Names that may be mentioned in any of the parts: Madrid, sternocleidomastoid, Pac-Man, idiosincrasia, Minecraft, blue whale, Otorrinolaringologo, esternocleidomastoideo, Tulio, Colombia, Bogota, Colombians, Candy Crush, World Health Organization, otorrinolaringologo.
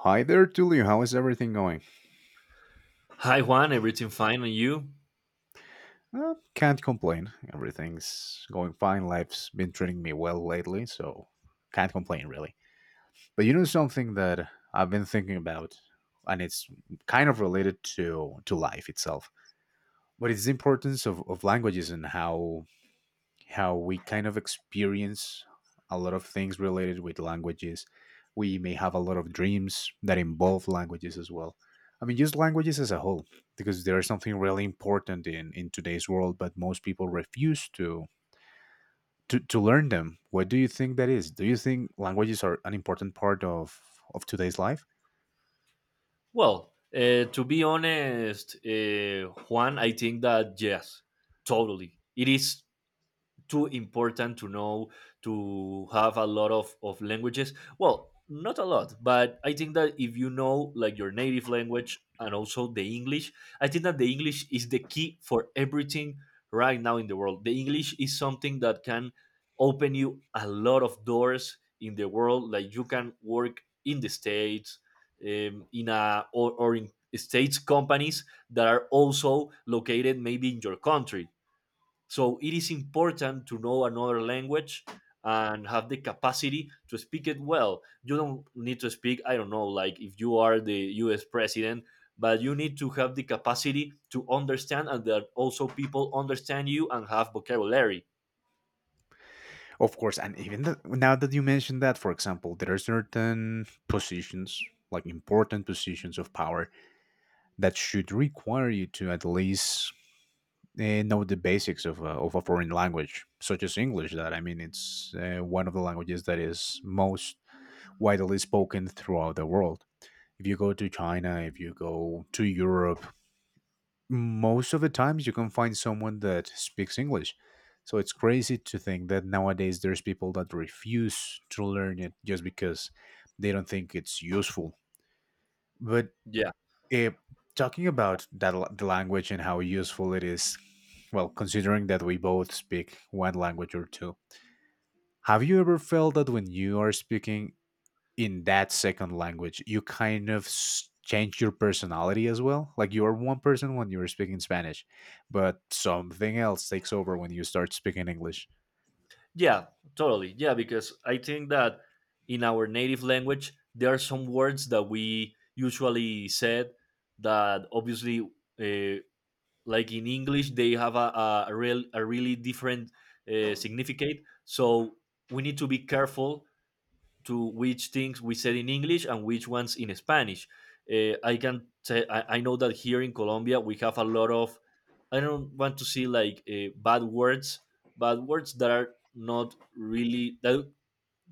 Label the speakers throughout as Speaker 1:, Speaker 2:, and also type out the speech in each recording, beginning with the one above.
Speaker 1: Hi there, Tulio. How is everything going?
Speaker 2: Hi Juan, everything fine and you?
Speaker 1: Can't complain. Everything's going fine. Life's been treating me well lately, so can't complain really. But you know something that I've been thinking about, and it's kind of related to life itself. But it's the importance of languages and how we kind of experience a lot of things related with languages. We may have a lot of dreams that involve languages as well. I mean, just languages as a whole, because there is something really important in today's world, but most people refuse to learn them. What do you think that is? Do you think languages are an important part of today's life?
Speaker 2: Well, to be honest, Juan, I think that yes, totally. It is too important to know to have a lot of languages. Well, not a lot, but I think that if you know like your native language and also the english, I think that the english is the key for everything right now in the world. The english is something that can open you a lot of doors in the world, like you can work in the states, in a or in states companies that are also located maybe in your country. So it is important to know another language and have the capacity to speak it well. You don't need to speak, I don't know, like if you are the US president, but you need to have the capacity to understand, and that also people understand you and have vocabulary.
Speaker 1: Of course, and even now that you mentioned that, for example, there are certain positions, like important positions of power, that should require you to at least know the basics of of a foreign language, such as English. That I mean, it's one of the languages that is most widely spoken throughout the world. If you go to China, if you go to Europe, most of the times you can find someone that speaks English. So it's crazy to think that nowadays there's people that refuse to learn it just because they don't think it's useful. But
Speaker 2: Yeah.
Speaker 1: Eh, talking about that the language and how useful it is, well, considering that we both speak one language or two, have you ever felt that when you are speaking in that second language, you kind of change your personality as well? Like you are one person when you're speaking Spanish, but something else takes over when you start speaking English.
Speaker 2: Yeah, totally. Yeah, because I think that in our native language, there are some words that we usually said that obviously, uh, like in english they have a real a really different significant. So we need to be careful to which things we said in english and which ones in spanish. I can say I know that here in colombia we have a lot of, I don't want to see, like, bad words. Bad words that are not really that,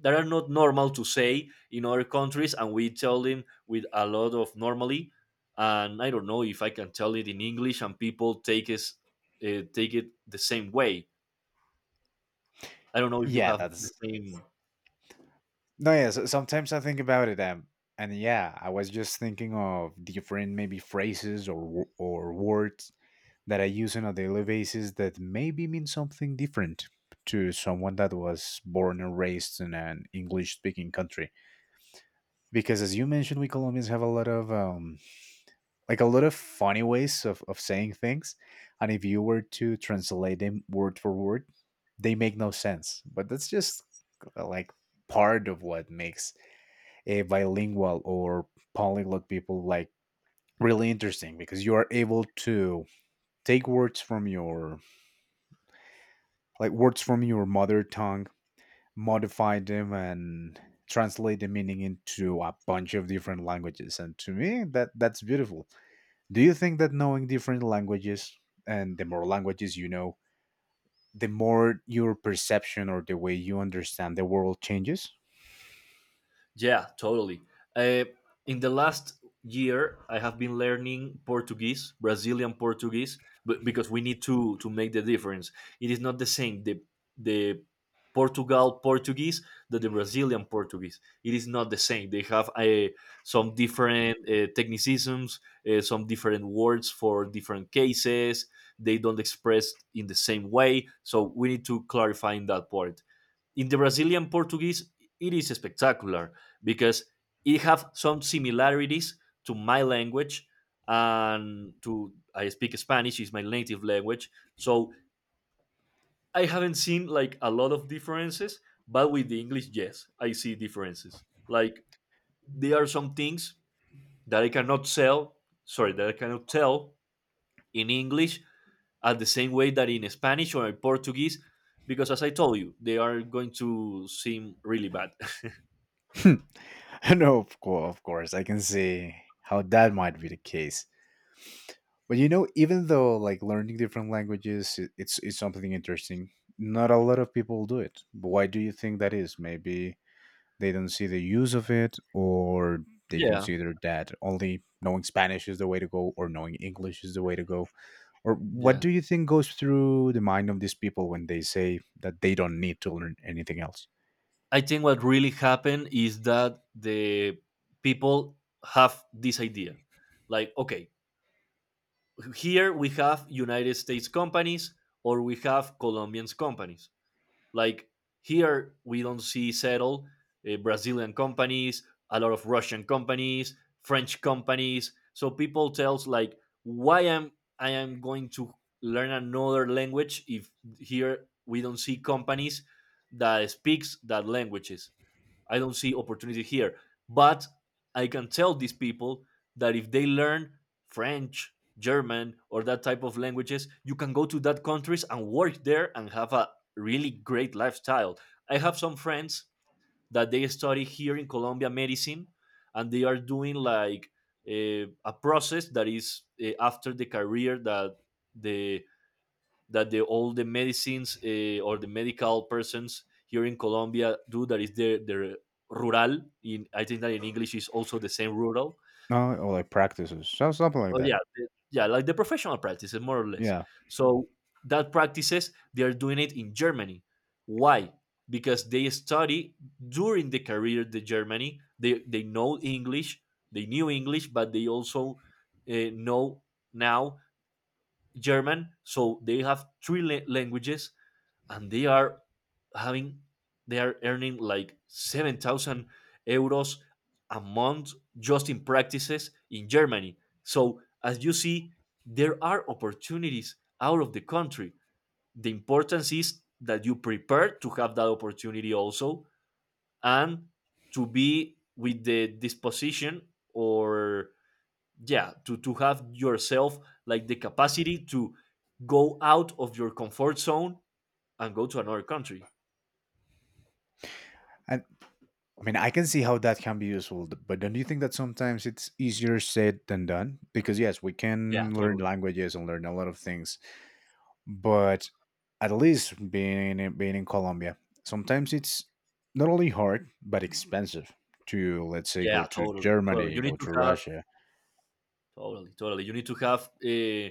Speaker 2: that are not normal to say in other countries, and we tell them with a lot of normally. And I don't know if I can tell it in english and people take it, take it the same way. I don't know if you
Speaker 1: Yeah,
Speaker 2: have the
Speaker 1: that's
Speaker 2: same.
Speaker 1: no. Yeah, so sometimes I think about it, and yeah, I was just thinking of different maybe phrases or words that I use on a daily basis that maybe mean something different to someone that was born and raised in an English speaking country. Because as you mentioned, we Colombians have a lot of like a lot of funny ways of saying things. And if you were to translate them word for word, they make no sense. But that's just like part of what makes a bilingual or polyglot people like really interesting because you are able to take words from your like words from your mother tongue, modify them, and translate the meaning into a bunch of different languages. And to me, that's beautiful. Do you think that knowing different languages and the more languages you know, the more your perception or the way you understand the world changes?
Speaker 2: Yeah, totally. Uh, in the last year, I have been learning Portuguese, Brazilian Portuguese, but because we need to make the difference. It is not the same the Portugal Portuguese that the Brazilian Portuguese. It is not the same. They have some different technicisms, some different words for different cases. They don't express in the same way. So we need to clarify in that part. In the Brazilian Portuguese, it is spectacular because it have some similarities to my language, and to, I speak Spanish is my native language. So I haven't seen like a lot of differences, but with the English, yes, I see differences. Like there are some things that I cannot sell, sorry, that I cannot tell in English at the same way that in Spanish or in Portuguese, because as I told you, they are going to seem really bad.
Speaker 1: no, of course, I can see how that might be the case. But you know, even though like learning different languages, it's something interesting. Not a lot of people do it. But why do you think that is? Maybe they don't see the use of it, or they
Speaker 2: Yeah.
Speaker 1: consider that only knowing Spanish is the way to go, or knowing English is the way to go. Or what
Speaker 2: Yeah.
Speaker 1: do you think goes through the mind of these people when they say that they don't need to learn anything else?
Speaker 2: I think what really happened is that the people have this idea. Like, okay, here we have United States companies or we have Colombian companies. Like, here we don't see settle Brazilian companies, a lot of Russian companies, French companies. So people tells like, why am I am going to learn another language if here we don't see companies that speaks that languages. I don't see opportunity here. But I can tell these people that if they learn French, German, or that type of languages, you can go to that countries and work there and have a really great lifestyle. I have some friends that they study here in Colombia medicine, and they are doing like a process that is after the career, that the all the medicines, or the medical persons here in Colombia do, that is their rural. In, I think that in English is also the same, rural.
Speaker 1: No, or like practices, something like
Speaker 2: Oh
Speaker 1: that.
Speaker 2: yeah, yeah, like the professional practices, more or less.
Speaker 1: Yeah,
Speaker 2: So that practices they are doing it in Germany. Why? Because they study during the career the Germany. They know English, they knew English, but they also know now German. So they have three languages, and they are having, they are earning like 7,000 euros a month just in practices in Germany. So, as you see, there are opportunities out of the country. The importance is that you prepare to have that opportunity also, and to be with the disposition or, yeah, to have yourself like the capacity to go out of your comfort zone and go to another country.
Speaker 1: and I mean, I can see how that can be useful, but don't you think that sometimes it's easier said than done? Because yes, we
Speaker 2: Yeah,
Speaker 1: can learn
Speaker 2: totally.
Speaker 1: languages and learn a lot of things, but at least being in Colombia, sometimes it's not only hard but expensive to let's say
Speaker 2: Yeah,
Speaker 1: go to
Speaker 2: totally. Totally. You
Speaker 1: Germany,
Speaker 2: need
Speaker 1: go to
Speaker 2: to have,
Speaker 1: Russia,
Speaker 2: totally, totally, you need to have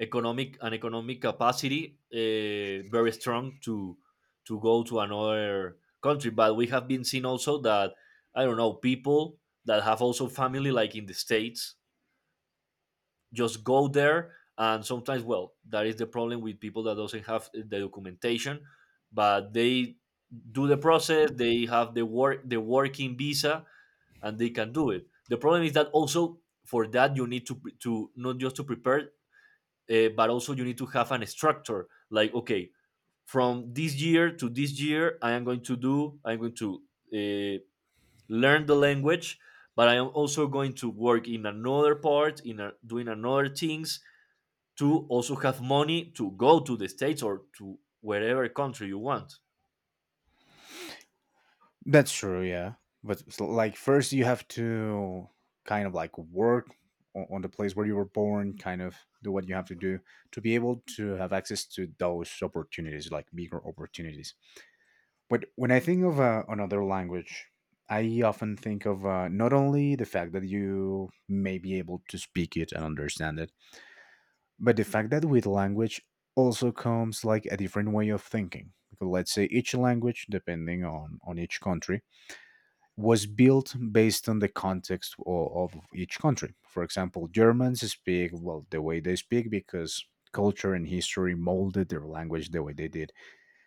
Speaker 2: economic, an economic capacity very strong to go to another country. But we have been seeing also that, I don't know, people that have also family like in the states just go there, and sometimes, well, that is the problem with people that doesn't have, eh, the documentation, but they do the process, they have the work, the working visa, and they can do it. The problem is that also for that you need to not just to prepare, but also you need to have an structure. Like okay, from this year to this year, I am going to do. I'm going to uh, learn the language, but I am also going to work in another part in a, doing another things to also have money to go to the states or to wherever country you want.
Speaker 1: That's true, yeah. But like first you have to kind of like work on the place where you were born, kind of do what you have to do to be able to have access to those opportunities, like bigger opportunities. But when I think of another language, I often think of not only the fact that you may be able to speak it and understand it, but the fact that with language also comes like a different way of thinking. Because let's say each language, depending on each country, was built based on the context of each country. For example, Germans speak, well, the way they speak because culture and history molded their language the way they did.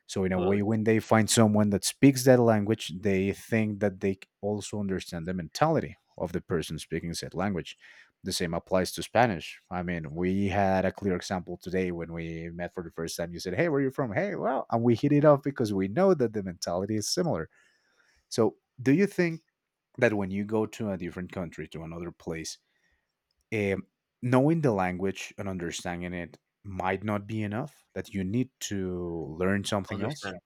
Speaker 1: So, in a way,
Speaker 2: Totally.
Speaker 1: when they find someone that speaks that language, they think that they also understand the mentality of the person speaking said language. The same applies to Spanish. I mean, we had a clear example today when we met for the first time. You said, "Hey, where are you from?" Hey, well, and we hit it off because we know that the mentality is similar. So, do you think that when you go to a different country, to another place, um, knowing the language and understanding it might not be enough, that you need to learn something else?
Speaker 2: Understand.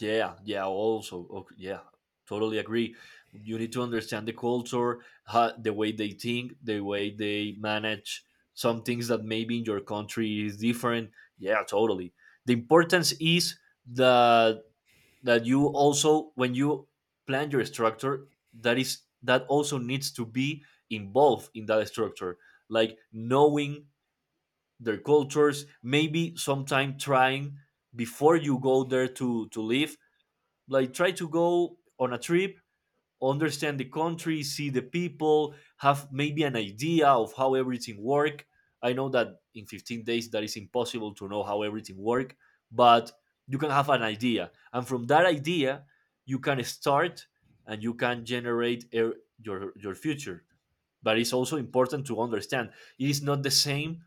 Speaker 2: Yeah, yeah. Also, okay, yeah, totally agree. You need to understand the culture, how, the way they think, the way they manage some things that maybe in your country is different. Yeah, totally. The importance is that, that you also when you plan your structure, that is that also needs to be involved in that structure, like knowing their cultures, maybe sometime trying before you go there to live, like try to go on a trip, understand the country, see the people, have maybe an idea of how everything work. I know that in 15 days that is impossible to know how everything work, but you can have an idea, and from that idea you can start, and you can generate your future. But it's also important to understand it is not the same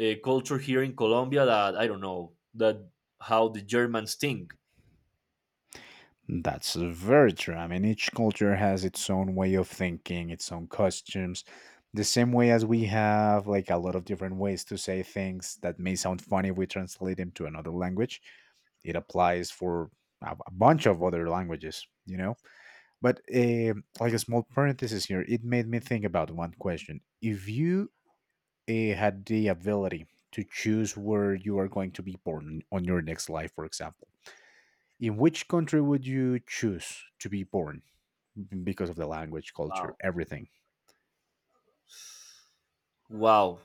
Speaker 2: culture here in colombia that, I don't know that, how the germans think.
Speaker 1: That's very true. I mean, each culture has its own way of thinking, its own costumes. The same way as we have like a lot of different ways to say things that may sound funny if we translate them to another language, it applies for a bunch of other languages, you know? But like a small parenthesis here, it made me think about one question. If you had the ability to choose where you are going to be born on your next life, for example, in which country would you choose to be born because of the language, culture,
Speaker 2: Wow.
Speaker 1: everything?
Speaker 2: Wow,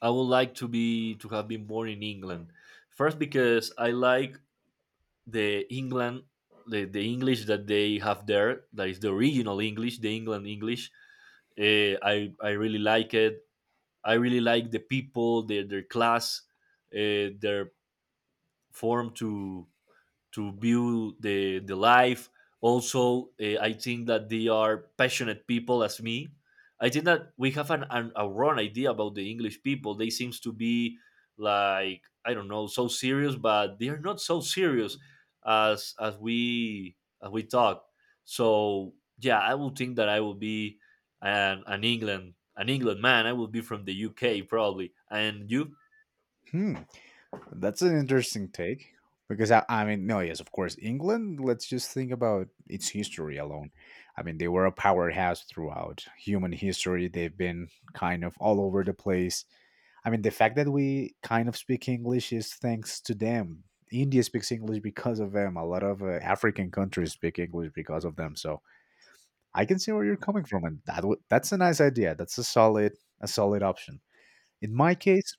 Speaker 2: I would like to be, to have been born in England. First, because I like the England, the English that they have there. That is the original English, the England English. I really like it. I really like the people, their class, their form to view the life. Also, I think that they are passionate people as me. I think that we have an, a wrong idea about the English people. They seems to be like, I don't know, so serious, but they are not so serious as we, as we talk. So yeah, I would think that I will be an England man. I will be from the UK probably. And you?
Speaker 1: Hmm. That's an interesting take because I mean, no, yes, of course, England. Let's just think about its history alone. I mean, they were a powerhouse throughout human history. They've been kind of all over the place. I mean, the fact that we kind of speak English is thanks to them. India speaks English because of them. A lot of African countries speak English because of them. So I can see where you're coming from, and that's a nice idea. That's a solid option. In my case,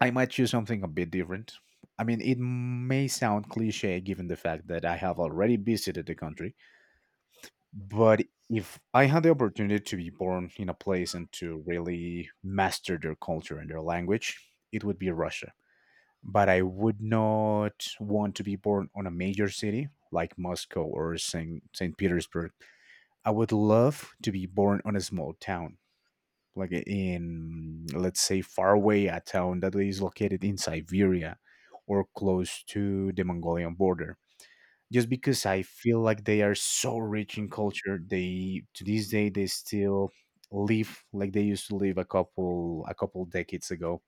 Speaker 1: I might choose something a bit different. I mean, it may sound cliche given the fact that I have already visited the country, but if I had the opportunity to be born in a place and to really master their culture and their language, it would be Russia. But I would not want to be born on a major city like Moscow or St. Petersburg. I would love to be born on a small town like in let's say far away a town that is located in Siberia or close to the Mongolian border. Just because I feel like they are so rich in culture, they to this day they still live like they used to live a couple decades ago.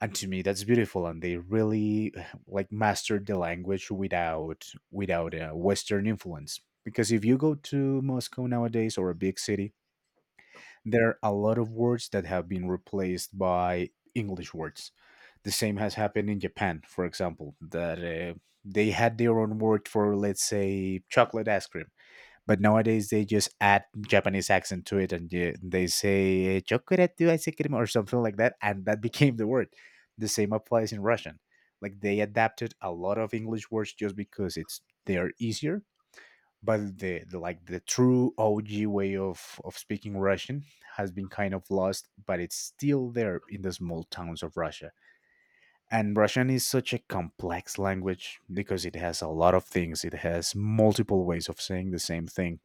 Speaker 1: And to me that's beautiful and they really like mastered the language without a western influence. Because if you go to Moscow nowadays or a big city, there are a lot of words that have been replaced by English words. The same has happened in Japan, for example, that they had their own word for, let's say, chocolate ice cream, but nowadays they just add Japanese accent to it and they say chocolate ice cream or something like that, and that became the word. The same applies in Russian. Like they adapted a lot of English words just because it's they are easier but the like the true OG way of speaking Russian has been kind of lost, but it's still there in the small towns of Russia. And Russian is such a complex language because it has a lot of things. It has multiple ways of saying the same thing.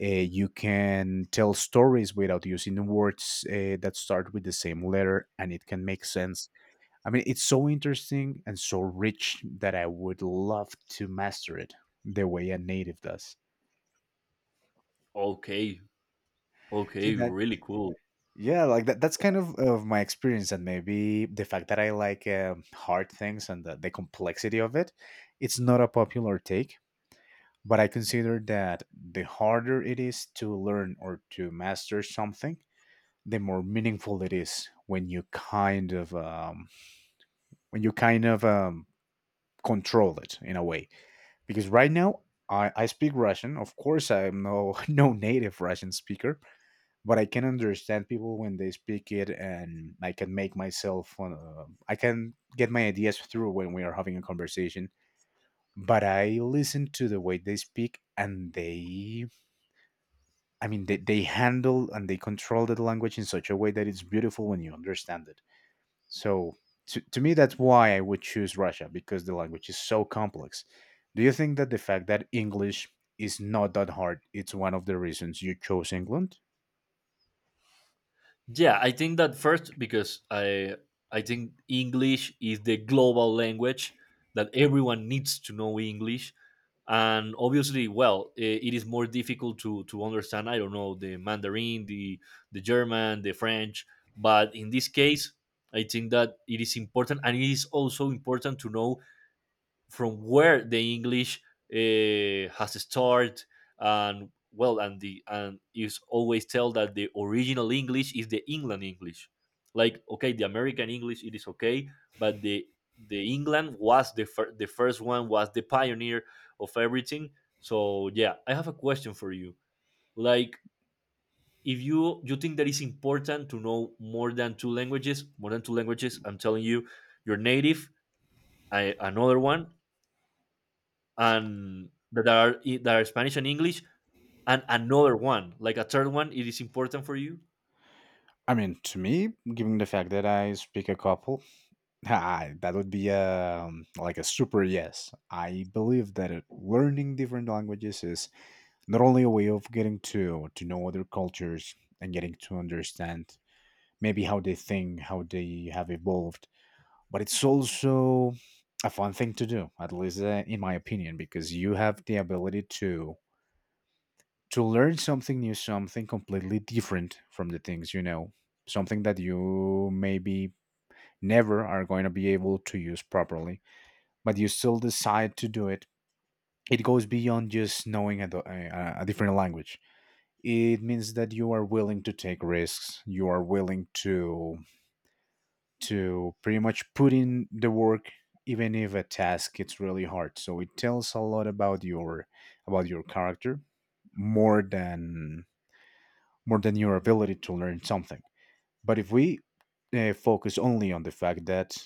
Speaker 1: Uh, you can tell stories without using words that start with the same letter, and it can make sense. I mean, it's so interesting and so rich that I would love to master it the way a native does.
Speaker 2: Okay,
Speaker 1: See,
Speaker 2: okay,
Speaker 1: that
Speaker 2: really cool.
Speaker 1: Yeah, like that. That's kind of my experience, and maybe the fact that I like hard things and the complexity of it. It's not a popular take, but I consider that the harder it is to learn or to master something, the more meaningful it is when you kind of when you kind of um, control it in a way. Because right now, I speak Russian. Of course, I'm no no native Russian speaker, but I can understand people when they speak it, and I can make myself, I can get my ideas through when we are having a conversation. But I listen to the way they speak, and I mean, they handle and they control the language in such a way that it's beautiful when you understand it. So to me, that's why I would choose Russia because the language is so complex. Do you think that the fact that English is not that hard, it's one of the reasons you chose England?
Speaker 2: Yeah, I think that first because I think English is the global language, that everyone needs to know English, and obviously, well, it is more difficult to understand, I don't know, the Mandarin, the German, the French, but in this case, I think that it is important, and it is also important to know from where the English has started, and well, and the, and is always tell that the original English is the England English. Like okay, the American English it is okay, but the England was the the first one, was the pioneer of everything. So yeah, I have a question for you. Like, if you think that it's important to know more than two languages, more than two languages, I'm telling you, your native, I, another one, and that are, that are Spanish and English, and another one, like a third one, it is important for you.
Speaker 1: I mean, to me, given the fact that I speak a couple, I, that would be like a super yes. I believe that learning different languages is not only a way of getting to know other cultures and getting to understand maybe how they think, how they have evolved, but it's also a fun thing to do, at least in my opinion, because you have the ability to learn something new, something completely different from the things you know, something that you maybe never are going to be able to use properly, but you still decide to do it. It goes beyond just knowing a different language. It means that you are willing to take risks. You are willing to pretty much put in the work, even if a task it's really hard. So it tells a lot about your character, more than more than your ability to learn something. But if we focus only on the fact that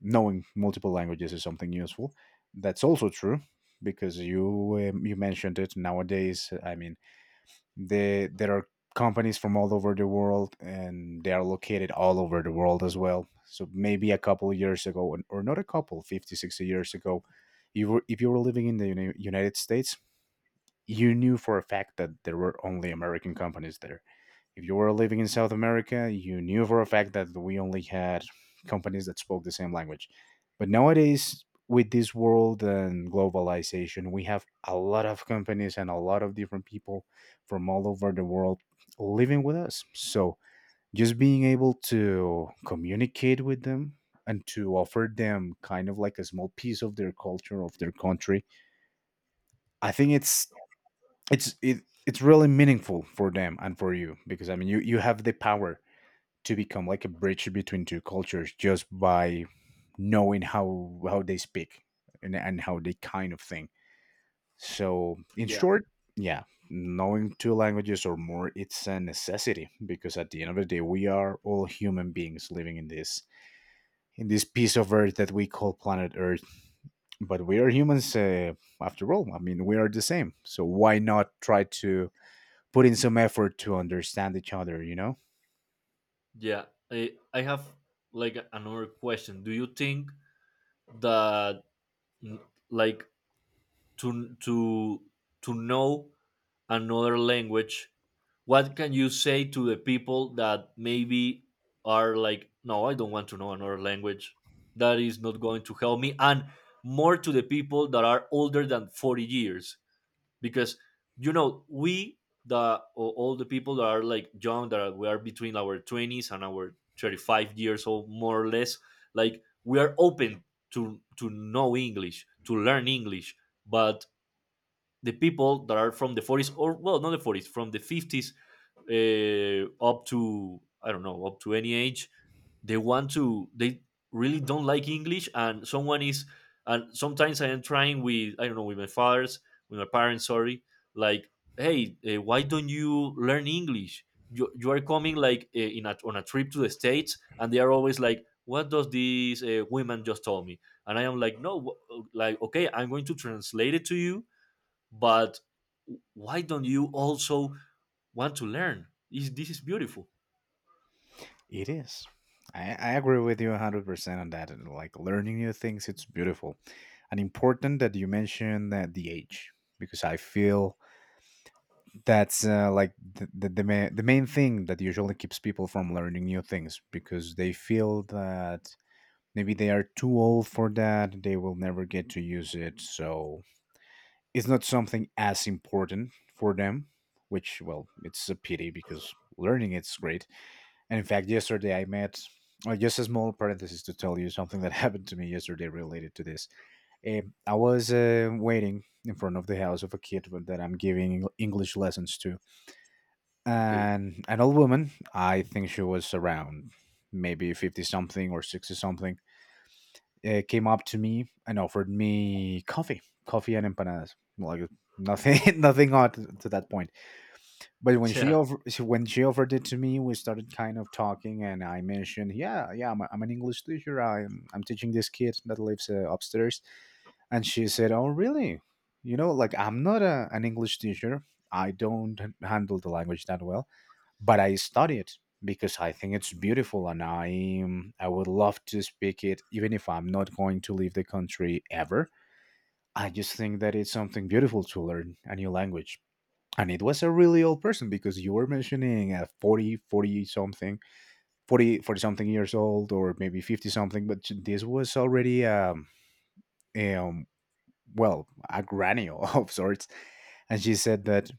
Speaker 1: knowing multiple languages is something useful. That's also true because you mentioned it. Nowadays, I mean, there are companies from all over the world, and they are located all over the world as well. So maybe a couple of years ago, or not a couple, 50 60 years ago, you were if you were living in the United States, you knew for a fact that there were only American companies there. If you were living in South America, you knew for a fact that we only had companies that spoke the same language. But nowadays, with this world and globalization, we have a lot of companies and a lot of different people from all over the world living with us. So just being able to communicate with them and to offer them kind of like a small piece of their culture, of their country, I think it's really meaningful for them and for you, because I mean you have the power to become like a bridge between two cultures just by knowing how they speak and how they kind of think. So in
Speaker 2: Yeah.
Speaker 1: short, yeah, knowing two languages or more it's a necessity, because at the end of the day we are all human beings living in this piece of earth that we call planet earth. But we are humans after all. I mean, we are the same, so why not try to put in some effort to understand each other.
Speaker 2: Yeah, I have like another question. Do you think that, mm, like to to to know another language, what can you say to the people that maybe are like, no, I don't want to know another language. That is not going to help me, and more to the people that are older than 40 years because you know we the all the people that are like young that are, we are between our 20s and our 35 years old, more or less. Like we are open to know English, to learn English. But the people that are from the 40s, or well, not the 40s, from the 50s up to, I don't know, up to any age, they want to they really don't like English. And someone is and sometimes I am trying with, I don't know, with my fathers with my parents, sorry, like, hey, why don't you learn English? You are coming like in on a trip to the States, and they are always like, what does this woman just told me? And I am like, no, like, okay, I'm going to translate it to you, but why don't you also want to learn? Is this is beautiful.
Speaker 1: It is. I agree with you 100% on that. And like learning new things, it's beautiful. And important that you mention that the age, because I feel that's like the the main thing that usually keeps people from learning new things, because they feel that maybe they are too old for that, they will never get to use it. So it's not something as important for them, which, well, it's a pity because learning it's great. And in fact, yesterday I met, well, just a small parenthesis to tell you something that happened to me yesterday related to this. I was waiting in front of the house of a kid that I'm giving English lessons to.
Speaker 2: Okay.
Speaker 1: And an old woman, I think she was around maybe 50 something or 60 something, came up to me and offered me coffee and empanadas. Like nothing, nothing odd to that point. But
Speaker 2: Yeah.
Speaker 1: when she offered it to me, we started kind of talking, and I mentioned, "Yeah, yeah, I'm, a, I'm an English teacher. I'm teaching this kid that lives upstairs." And she said, "Oh, really? You know, like I'm not a, an English teacher. I don't handle the language that well, but I study it because I think it's beautiful, and I would love to speak it, even if I'm not going to leave the country ever. I just think that it's something beautiful to learn a new language." And it was a really old person, because you were mentioning a forty, forty something years old, or maybe 50 something, but this was already um well a granny of sorts. And she said that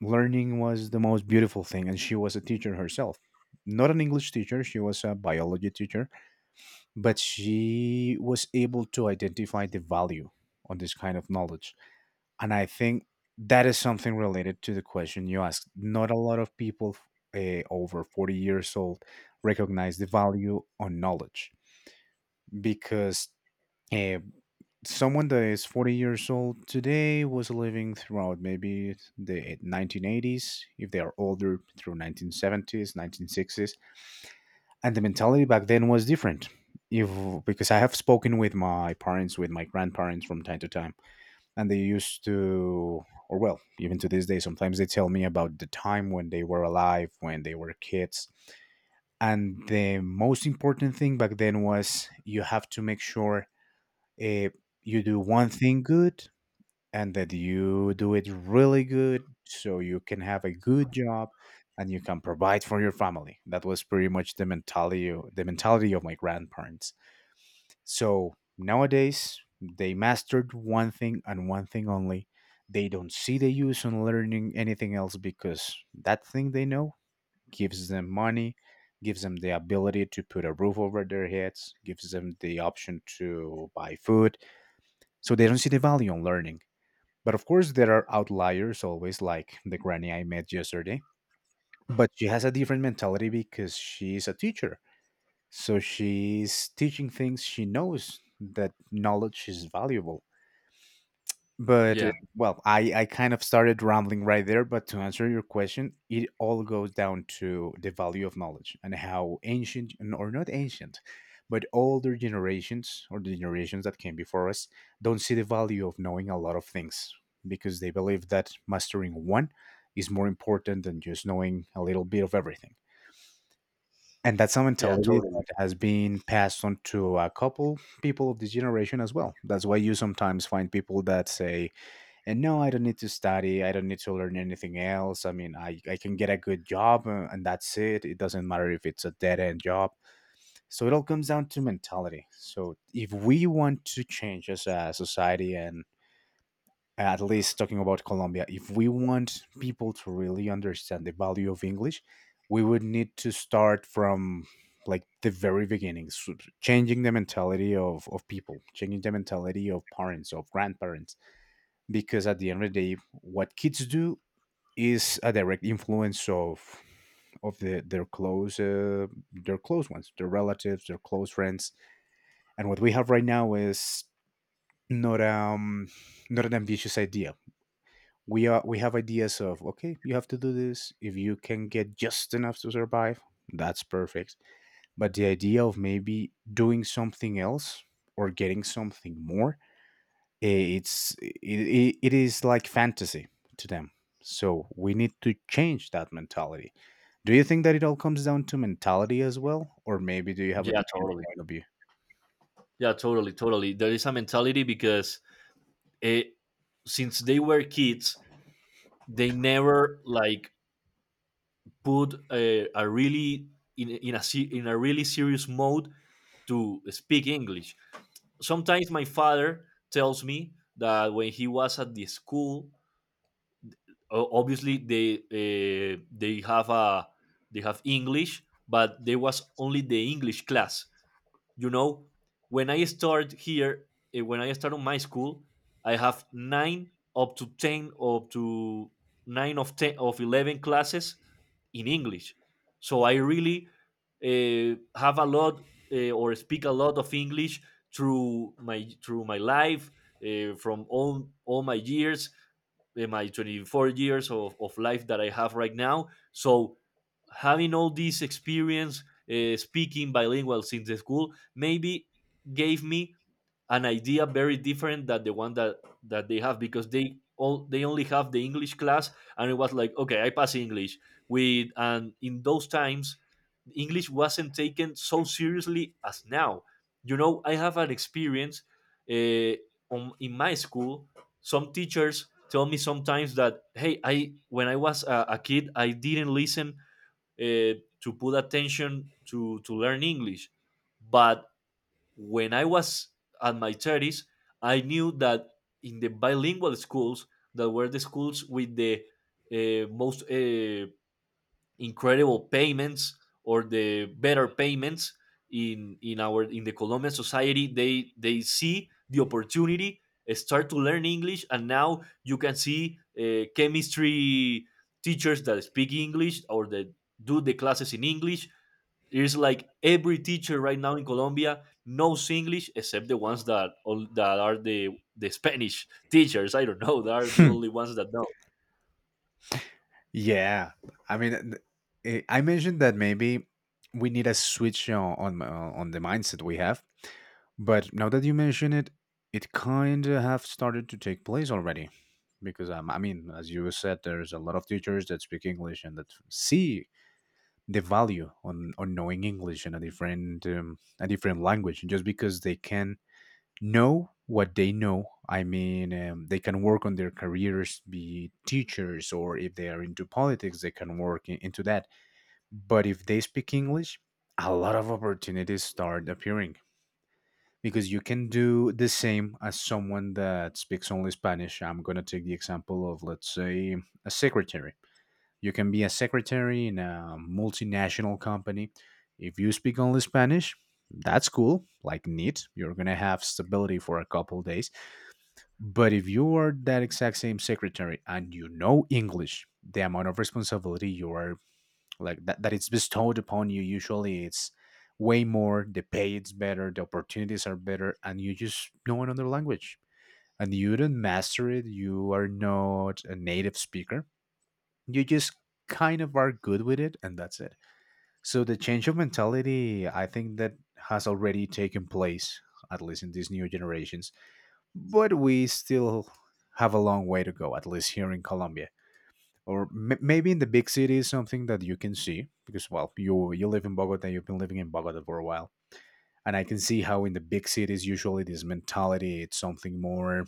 Speaker 1: learning was the most beautiful thing, and she was a teacher herself, not an English teacher, she was a biology teacher, but she was able to identify the value on this kind of knowledge. And I think that is something related to the question you asked. Not a lot of people over 40 years old recognize the value on knowledge, because uh, someone that is 40 years old today was living throughout maybe the 1980s, if they are older, through 1970s, 1960s. And the mentality back then was different. If, because I have spoken with my parents, with my grandparents from time to time, and they used to, or well even to this day sometimes they tell me about the time when they were alive, when they were kids. And the most important thing back then was you have to make sure uh, you do one thing good, and that you do it really good, so you can have a good job and you can provide for your family. That was pretty much the mentality, of my grandparents. So nowadays, they mastered one thing and one thing only. They don't see the use on learning anything else, because that thing they know gives them money, gives them the ability to put a roof over their heads, gives them the option to buy food. So they don't see the value on learning. But of course, there are outliers always, like the granny I met yesterday. But she has a different mentality because she is a teacher, so she's teaching things, she knows that knowledge is valuable. But
Speaker 2: Yeah.
Speaker 1: well, I kind of started rambling right there. But to answer your question, it all goes down to the value of knowledge and how ancient, or not ancient, but older generations, or the generations that came before us, don't see the value of knowing a lot of things, because they believe that mastering one is more important than just knowing a little bit of everything. And that's a
Speaker 2: Yeah.
Speaker 1: mentality
Speaker 2: Totally.
Speaker 1: that has been passed on to a couple people of this generation as well. That's why you sometimes find people that say, and no, I don't need to study. I don't need to learn anything else. I mean, I can get a good job and that's it. It doesn't matter if it's a dead end job. So it all comes down to mentality. So if we want to change as a society, and at least talking about Colombia, if we want people to really understand the value of English, we would need to start from like the very beginning, changing the mentality of people, changing the mentality of parents, of grandparents. Because at the end of the day, what kids do is a direct influence of their close ones, their relatives, their close friends. And what we have right now is not um not an ambitious idea. We are we have ideas of, okay, you have to do this, if you can get just enough to survive, that's perfect. But the idea of maybe doing something else, or getting something more, it's it is like fantasy to them. So we need to change that mentality. Do you think that it all comes down to mentality as well, or maybe do you have a
Speaker 2: Yeah.
Speaker 1: different
Speaker 2: Totally.
Speaker 1: point of view?
Speaker 2: Yeah. Totally. Totally. There is a mentality because it, since they were kids, they never like put a really in a really serious mode to speak English. Sometimes my father tells me that when he was at the school, obviously they have a they have English, but there was only the English class, you know. when i start here when I start on my school, I have nine up to ten up to nine of ten of 11 classes in English. So I really have a lot, or speak a lot of English through my life, from all my years, in my 24 years of life that I have right now. So having all this experience, speaking bilingual since the school, maybe gave me an idea very different than the one that they have, because they all they only have the English class. And it was like, okay, I pass English with, and in those times English wasn't taken so seriously as now, you know. I have an experience uh, in my school. Some teachers tell me sometimes that, hey, I when I was a kid, I didn't listen to put attention to learn English. But when I was at my 30s, I knew that in the bilingual schools, that were the schools with the most incredible payments, or the better payments in our in the Colombian society, they see the opportunity, start to learn English. And now you can see chemistry teachers that speak English, or that do the classes in English. There's like every teacher right now in Colombia knows English, except the ones that all that are the Spanish teachers. I don't know. They are the only ones that know.
Speaker 1: Yeah, I mean, I mentioned that maybe we need a switch on on the mindset we have, but now that you mention it, it kind of have started to take place already, because I mean, as you said, there's a lot of teachers that speak English and that see the value on knowing English and a different language just because they can know what they know. I mean, they can work on their careers, be teachers, or if they are into politics, they can work in, into that. But if they speak English, a lot of opportunities start appearing, because you can do the same as someone that speaks only Spanish. I'm going to take the example of, let's say, a secretary. You can be a secretary in a multinational company. If you speak only Spanish, that's cool, like neat. You're going to have stability for a couple days, but if you are that exact same secretary and you know English, the amount of responsibility you are like that it's bestowed upon you usually it's way more, the pay is better, the opportunities are better, and you just know another language. And you don't master it, you are not a native speaker. You just kind of are good with it and that's it. So the change of mentality I think that has already taken place, at least in these new generations, but we still have a long way to go, at least here in Colombia. Or maybe in the big city is something that you can see because, well, you live in Bogota, you've been living in Bogota for a while, and I can see how in the big cities usually this mentality it's something more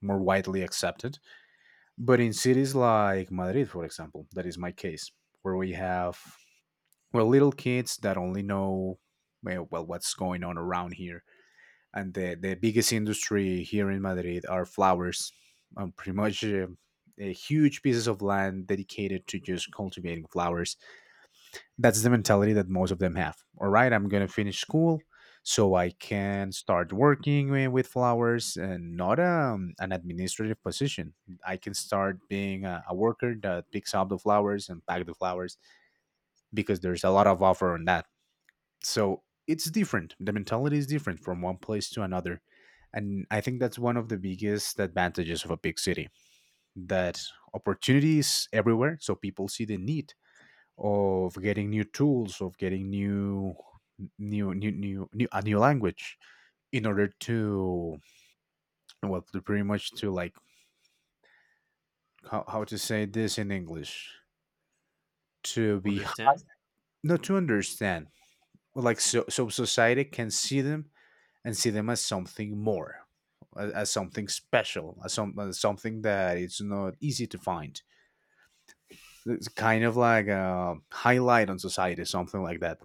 Speaker 1: more widely accepted. But in cities like Madrid, for example, that is my case, where we have, well, little kids that only know, well, what's going on around here. And the biggest industry here in Madrid are flowers. Pretty much a huge pieces of land dedicated to just cultivating flowers. That's the mentality that most of them have. All right, I'm gonna finish school so I can start working with flowers and not an administrative position. I can start being a worker that picks up the flowers and pack the flowers because there's a lot of offer on that. So it's different, the mentality is different from one place to another, and I think that's one of the biggest advantages of a big city, that opportunity is everywhere. So people see the need of getting new tools, of getting new a new language in order to, well, to pretty much to, like, how to say this in English, to be,
Speaker 2: Understand?
Speaker 1: not to understand, well, like, so society can see them and see them as something more, as something special, as something that it's not easy to find. It's kind of like a highlight on society, something like that.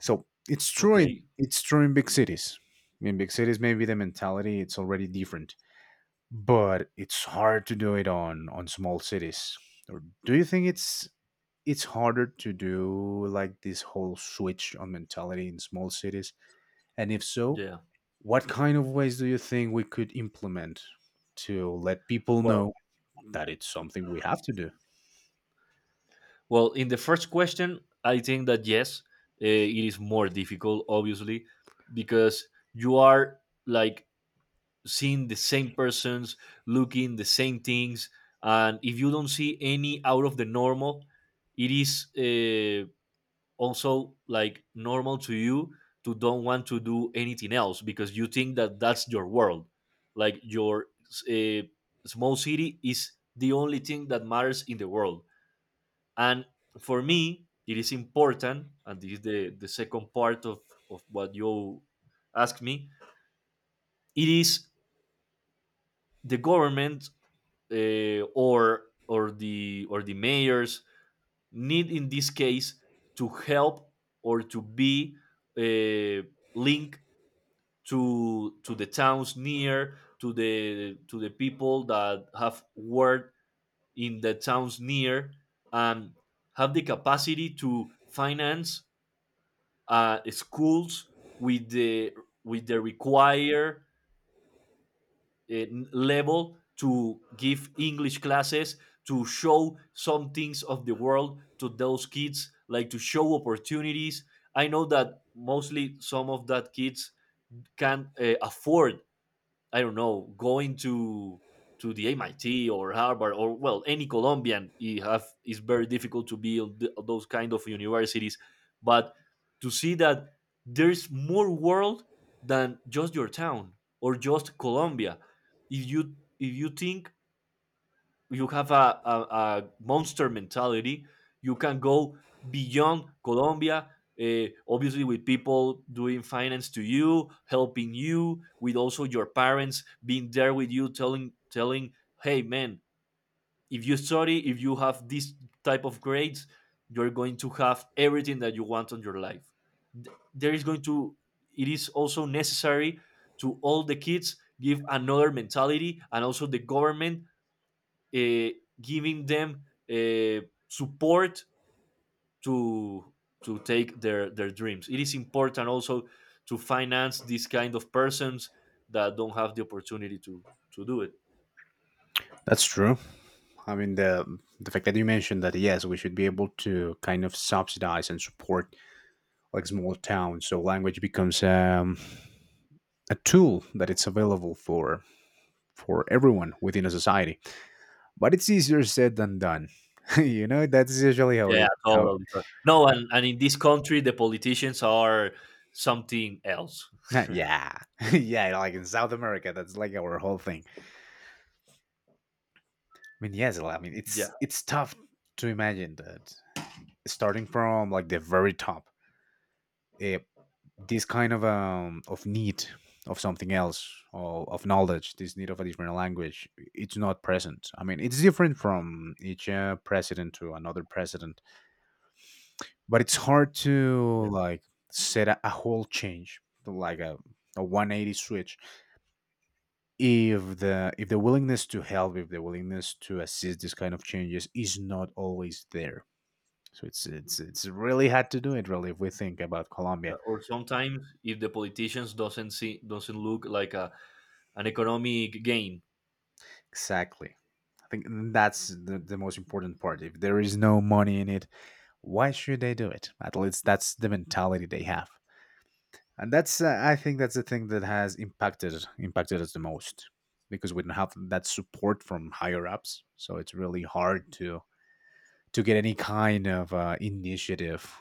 Speaker 1: So it's true in
Speaker 2: Okay.
Speaker 1: it's true in big cities. In big cities maybe the mentality it's already different, but it's hard to do it on small cities. Or do you think it's harder to do like this whole switch on mentality in small cities, and if so,
Speaker 2: Yeah.
Speaker 1: what kind of ways do you think we could implement to let people know
Speaker 2: Well,
Speaker 1: that it's something we have to do?
Speaker 2: well, in the first question, I think that yes, it is more difficult, obviously, because you are like seeing the same persons, looking the same things, and if you don't see any out of the normal, it is also like normal to you, to don't want to do anything else, because you think that that's your world, like your uh, small city is the only thing that matters in the world. And for me, it is important, and this is the second part of what you asked me. It is the government, or the or the mayors need in this case to help, or to be uh, link, to the towns near, to the people that have worked in the towns near, and have the capacity to finance schools with the with the required uh, level, to give English classes, to show some things of the world to those kids, like to show opportunities. I know that mostly some of that kids can afford, I don't know, going to the MIT or Harvard, or well, any Colombian, you have, it's very difficult to build those kind of universities. But to see that there's more world than just your town, or just Colombia. If you think, you have a monster mentality. You can go beyond Colombia, obviously with people doing finance to you, helping you, with also your parents being there with you, telling hey man, if you study, if you have this type of grades, you're going to have everything that you want on your life. Th- There is going to It is also necessary to all the kids give another mentality, and also the government uh, giving them uh, support to to take their dreams. It is important also to finance these kind of persons that don't have the opportunity to do it.
Speaker 1: That's true. I mean, the fact that you mentioned that yes, we should be able to kind of subsidize and support, like, small towns, so language becomes a tool that it's available for everyone within a society. But it's easier said than done. That's usually how
Speaker 2: Yeah,
Speaker 1: it how.
Speaker 2: totally, totally. No, and in this country, the politicians are something else.
Speaker 1: Yeah. Yeah, like in South America, that's like our whole thing. I mean, yes, like, I mean
Speaker 2: Yeah,
Speaker 1: it's tough to imagine that, starting from like the very top, eh, this kind of, of need of something else or of knowledge, this need of a different language, it's not present. I mean, it's different from each president to another president, but it's hard
Speaker 2: yeah,
Speaker 1: to, like, set a whole change, like a 180 switch, if the willingness to help, if the willingness to assist this kind of changes is not always there. So it's really hard to do it really if we think about
Speaker 2: yeah.
Speaker 1: Colombia.
Speaker 2: Or sometimes, if the politicians doesn't look like a an economic gain.
Speaker 1: Exactly. I think that's the most important part. If there is no money in it, why should they do it? At least that's the mentality they have. And that's, I think that's the thing that has impacted us the most, because we don't have that support from higher ups. So it's really hard to get any kind of initiative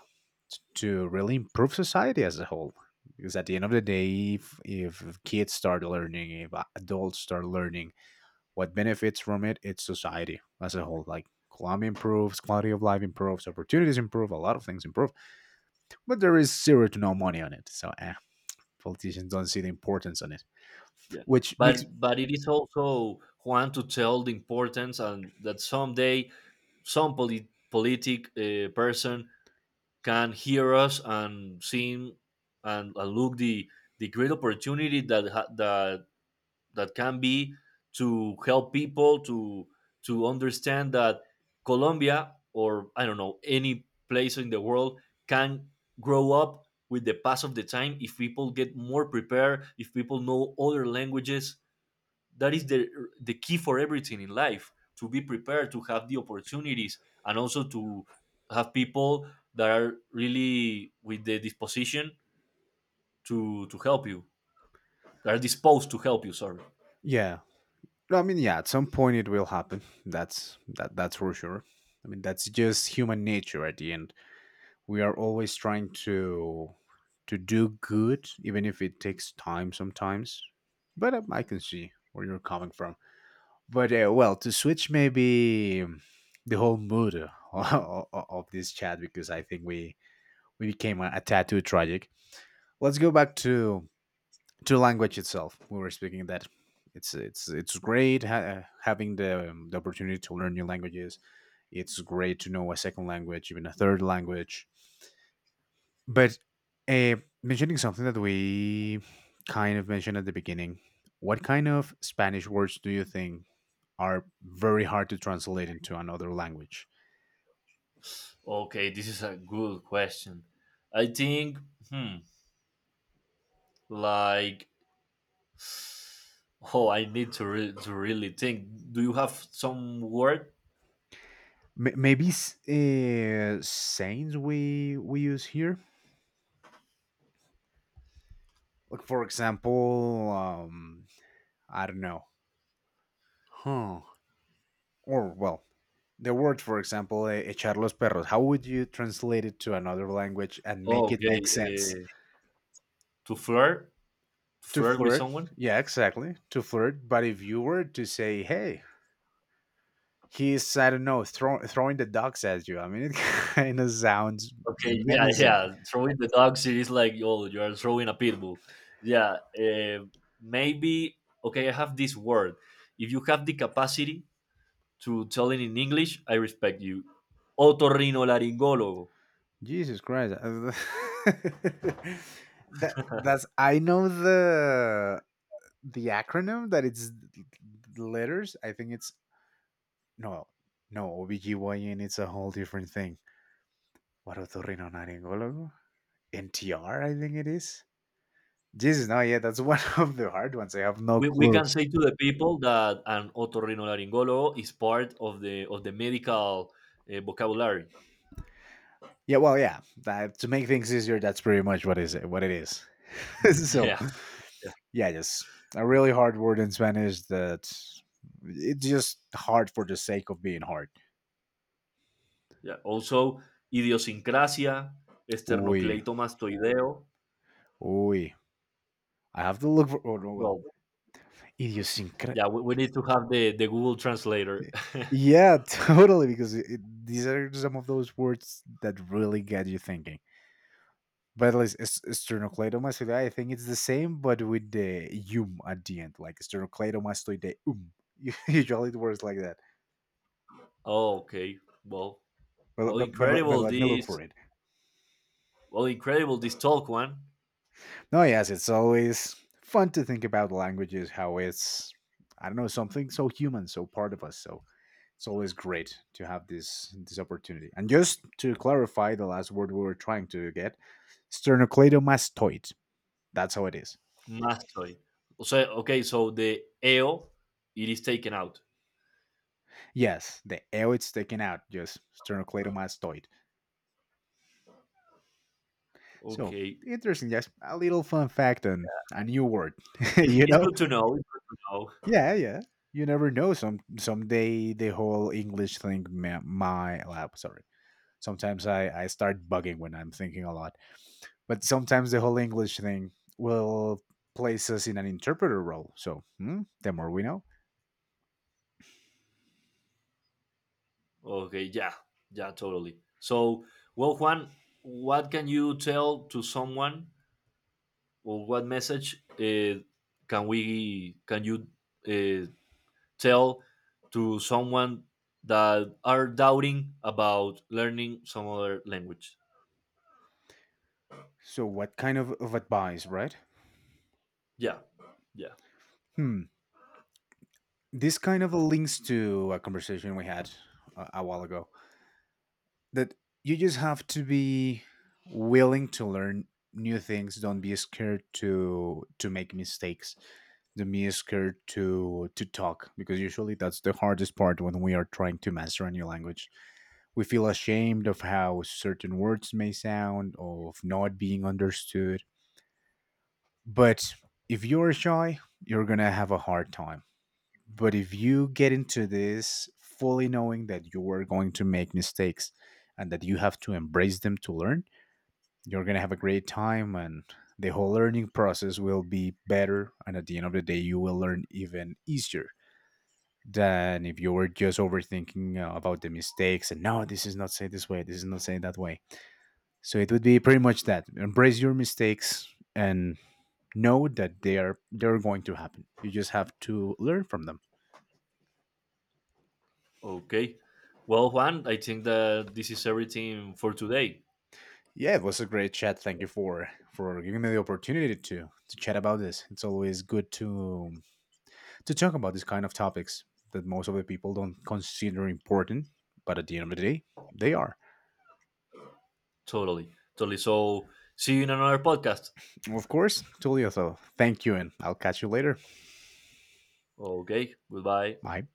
Speaker 1: to really improve society as a whole. Because at the end of the day, if kids start learning, if adults start learning, what benefits from it? It's society as a whole. Like, economy improves, quality of life improves, opportunities improve, a lot of things improve. But there is zero to no money on it. So politicians don't see the importance on it,
Speaker 2: Yeah.
Speaker 1: which makes,
Speaker 2: But it is also Juan, to tell the importance, and that someday some politic person can hear us and see, and look the great opportunity that that that can be, to help people to understand that Colombia, or I don't know, any place in the world, can grow up with the pass of the time, if people get more prepared, if people know other languages. That is the key for everything in life, to be prepared, to have the opportunities, and also to have people that are really with the disposition to help you, that are disposed to help you, sorry.
Speaker 1: yeah. No, I mean, yeah, at some point it will happen. That's for sure. I mean, that's just human nature. At the end we are always trying to do good even if it takes time sometimes. But I can see where you're coming from, but well, to switch maybe, the whole mood, of this chat, because I think we became a tad too tragic. Let's go back to language itself. We were speaking that it's great having the opportunity to learn new languages. It's great to know a second language, even a third language. But uh, mentioning something that we kind of mentioned at the beginning, what kind of Spanish words do you think are very hard to translate into another language?
Speaker 2: Okay, this is a good question. I think, hmm, like, oh, I need to, to really think. Do you have some word?
Speaker 1: Maybe sayings we use here, like, for example, I don't know, huh? Or well, the word, for example, echar los perros. How would you translate it to another language and
Speaker 2: Oh,
Speaker 1: make it make
Speaker 2: okay,
Speaker 1: sense?
Speaker 2: to flirt,
Speaker 1: To
Speaker 2: flirt with
Speaker 1: flirt.
Speaker 2: someone.
Speaker 1: Yeah, exactly, to flirt. But if you were to say, hey, he's, I don't know, throwing the dogs at you, I mean, it kind of sounds
Speaker 2: Okay, yeah,
Speaker 1: menacing.
Speaker 2: yeah. Throwing the dog series like, oh, you are throwing a pit bull. Yeah, maybe. Okay, I have this word. If you have the capacity to tell it in English, I respect you. Otorrinolaryngologo.
Speaker 1: Jesus Christ. That's, I know the acronym that it's letters, I think it's, no, no, OBGYN it's a whole different thing. What, otorrinolaryngologo? NTR, I think it is. Jesus, no. Yeah, that's one of the hard ones. I have no
Speaker 2: We
Speaker 1: clue.
Speaker 2: can say to the people that an otorrinolaryngologo is part of the medical vocabulary.
Speaker 1: Yeah, well, yeah. That, to make things easier, that's pretty much what is it, what it is. So,
Speaker 2: Yeah,
Speaker 1: yeah, just a really hard word in Spanish that it's just hard for the sake of being hard.
Speaker 2: yeah. Also, idiosincrasia,
Speaker 1: Uy,
Speaker 2: sternocleidomastoideo.
Speaker 1: uy. I have to look for. Oh no, well,
Speaker 2: Well,
Speaker 1: idiosyncra.
Speaker 2: yeah, we need to have the Google translator.
Speaker 1: Yeah, totally. Because these are some of those words that really get you thinking. But at least sternocleidomastoidea, I think it's the same, but with the at the end, like sternocleidomastoideum. Usually, it works like that.
Speaker 2: Oh, okay. Well,
Speaker 1: But,
Speaker 2: well,
Speaker 1: but, but, but
Speaker 2: incredible
Speaker 1: let me look for
Speaker 2: this.
Speaker 1: it.
Speaker 2: Well, incredible this talk one.
Speaker 1: No, yes, it's always fun to think about languages, how it's, I don't know, something so human, so part of us. So it's always great to have this opportunity. And just to clarify, the last word we were trying to get, sternocleidomastoid. That's how it is.
Speaker 2: Mastoid. So, okay, so the EO, it is taken out.
Speaker 1: Yes, the L it's taken out, just sternocleidomastoid. So
Speaker 2: Okay,
Speaker 1: interesting, yes. A little fun fact and a new word, you
Speaker 2: it's
Speaker 1: know?
Speaker 2: good to know. It's good to know.
Speaker 1: Yeah, yeah. You never know. Some someday the whole English thing. My lab. Sorry. Sometimes I start bugging when I'm thinking a lot. But sometimes the whole English thing will place us in an interpreter role. So, the more we know.
Speaker 2: Okay, yeah, yeah, totally. So, well, Juan, what can you tell to someone, or what message can we can you uh, tell to someone that are doubting about learning some other language?
Speaker 1: So what kind of advice, right?
Speaker 2: Yeah, yeah.
Speaker 1: Hmm. This kind of links to a conversation we had a while ago. That you just have to be willing to learn new things. Don't be scared to make mistakes, don't be scared to talk, because usually that's the hardest part when we are trying to master a new language. We feel ashamed of how certain words may sound, of not being understood. But if you're shy, you're gonna have a hard time. But if you get into this fully knowing that you are going to make mistakes and that you have to embrace them to learn, you're going to have a great time, and the whole learning process will be better. And at the end of the day, you will learn even easier than if you were just overthinking about the mistakes and, no, this is not said this way, this is not said that way. So it would be pretty much that, embrace your mistakes and know that they're going to happen. You just have to learn from them.
Speaker 2: Okay. Well, Juan, I think that this is everything for today.
Speaker 1: Yeah, it was a great chat. Thank you for giving me the opportunity to chat about this. It's always good to talk about these kind of topics that most of the people don't consider important, but at the end of the day, they are.
Speaker 2: Totally, totally. So, see you in another podcast.
Speaker 1: Of course, Tulio. So thank you, and I'll catch you later.
Speaker 2: Okay, goodbye.
Speaker 1: Bye.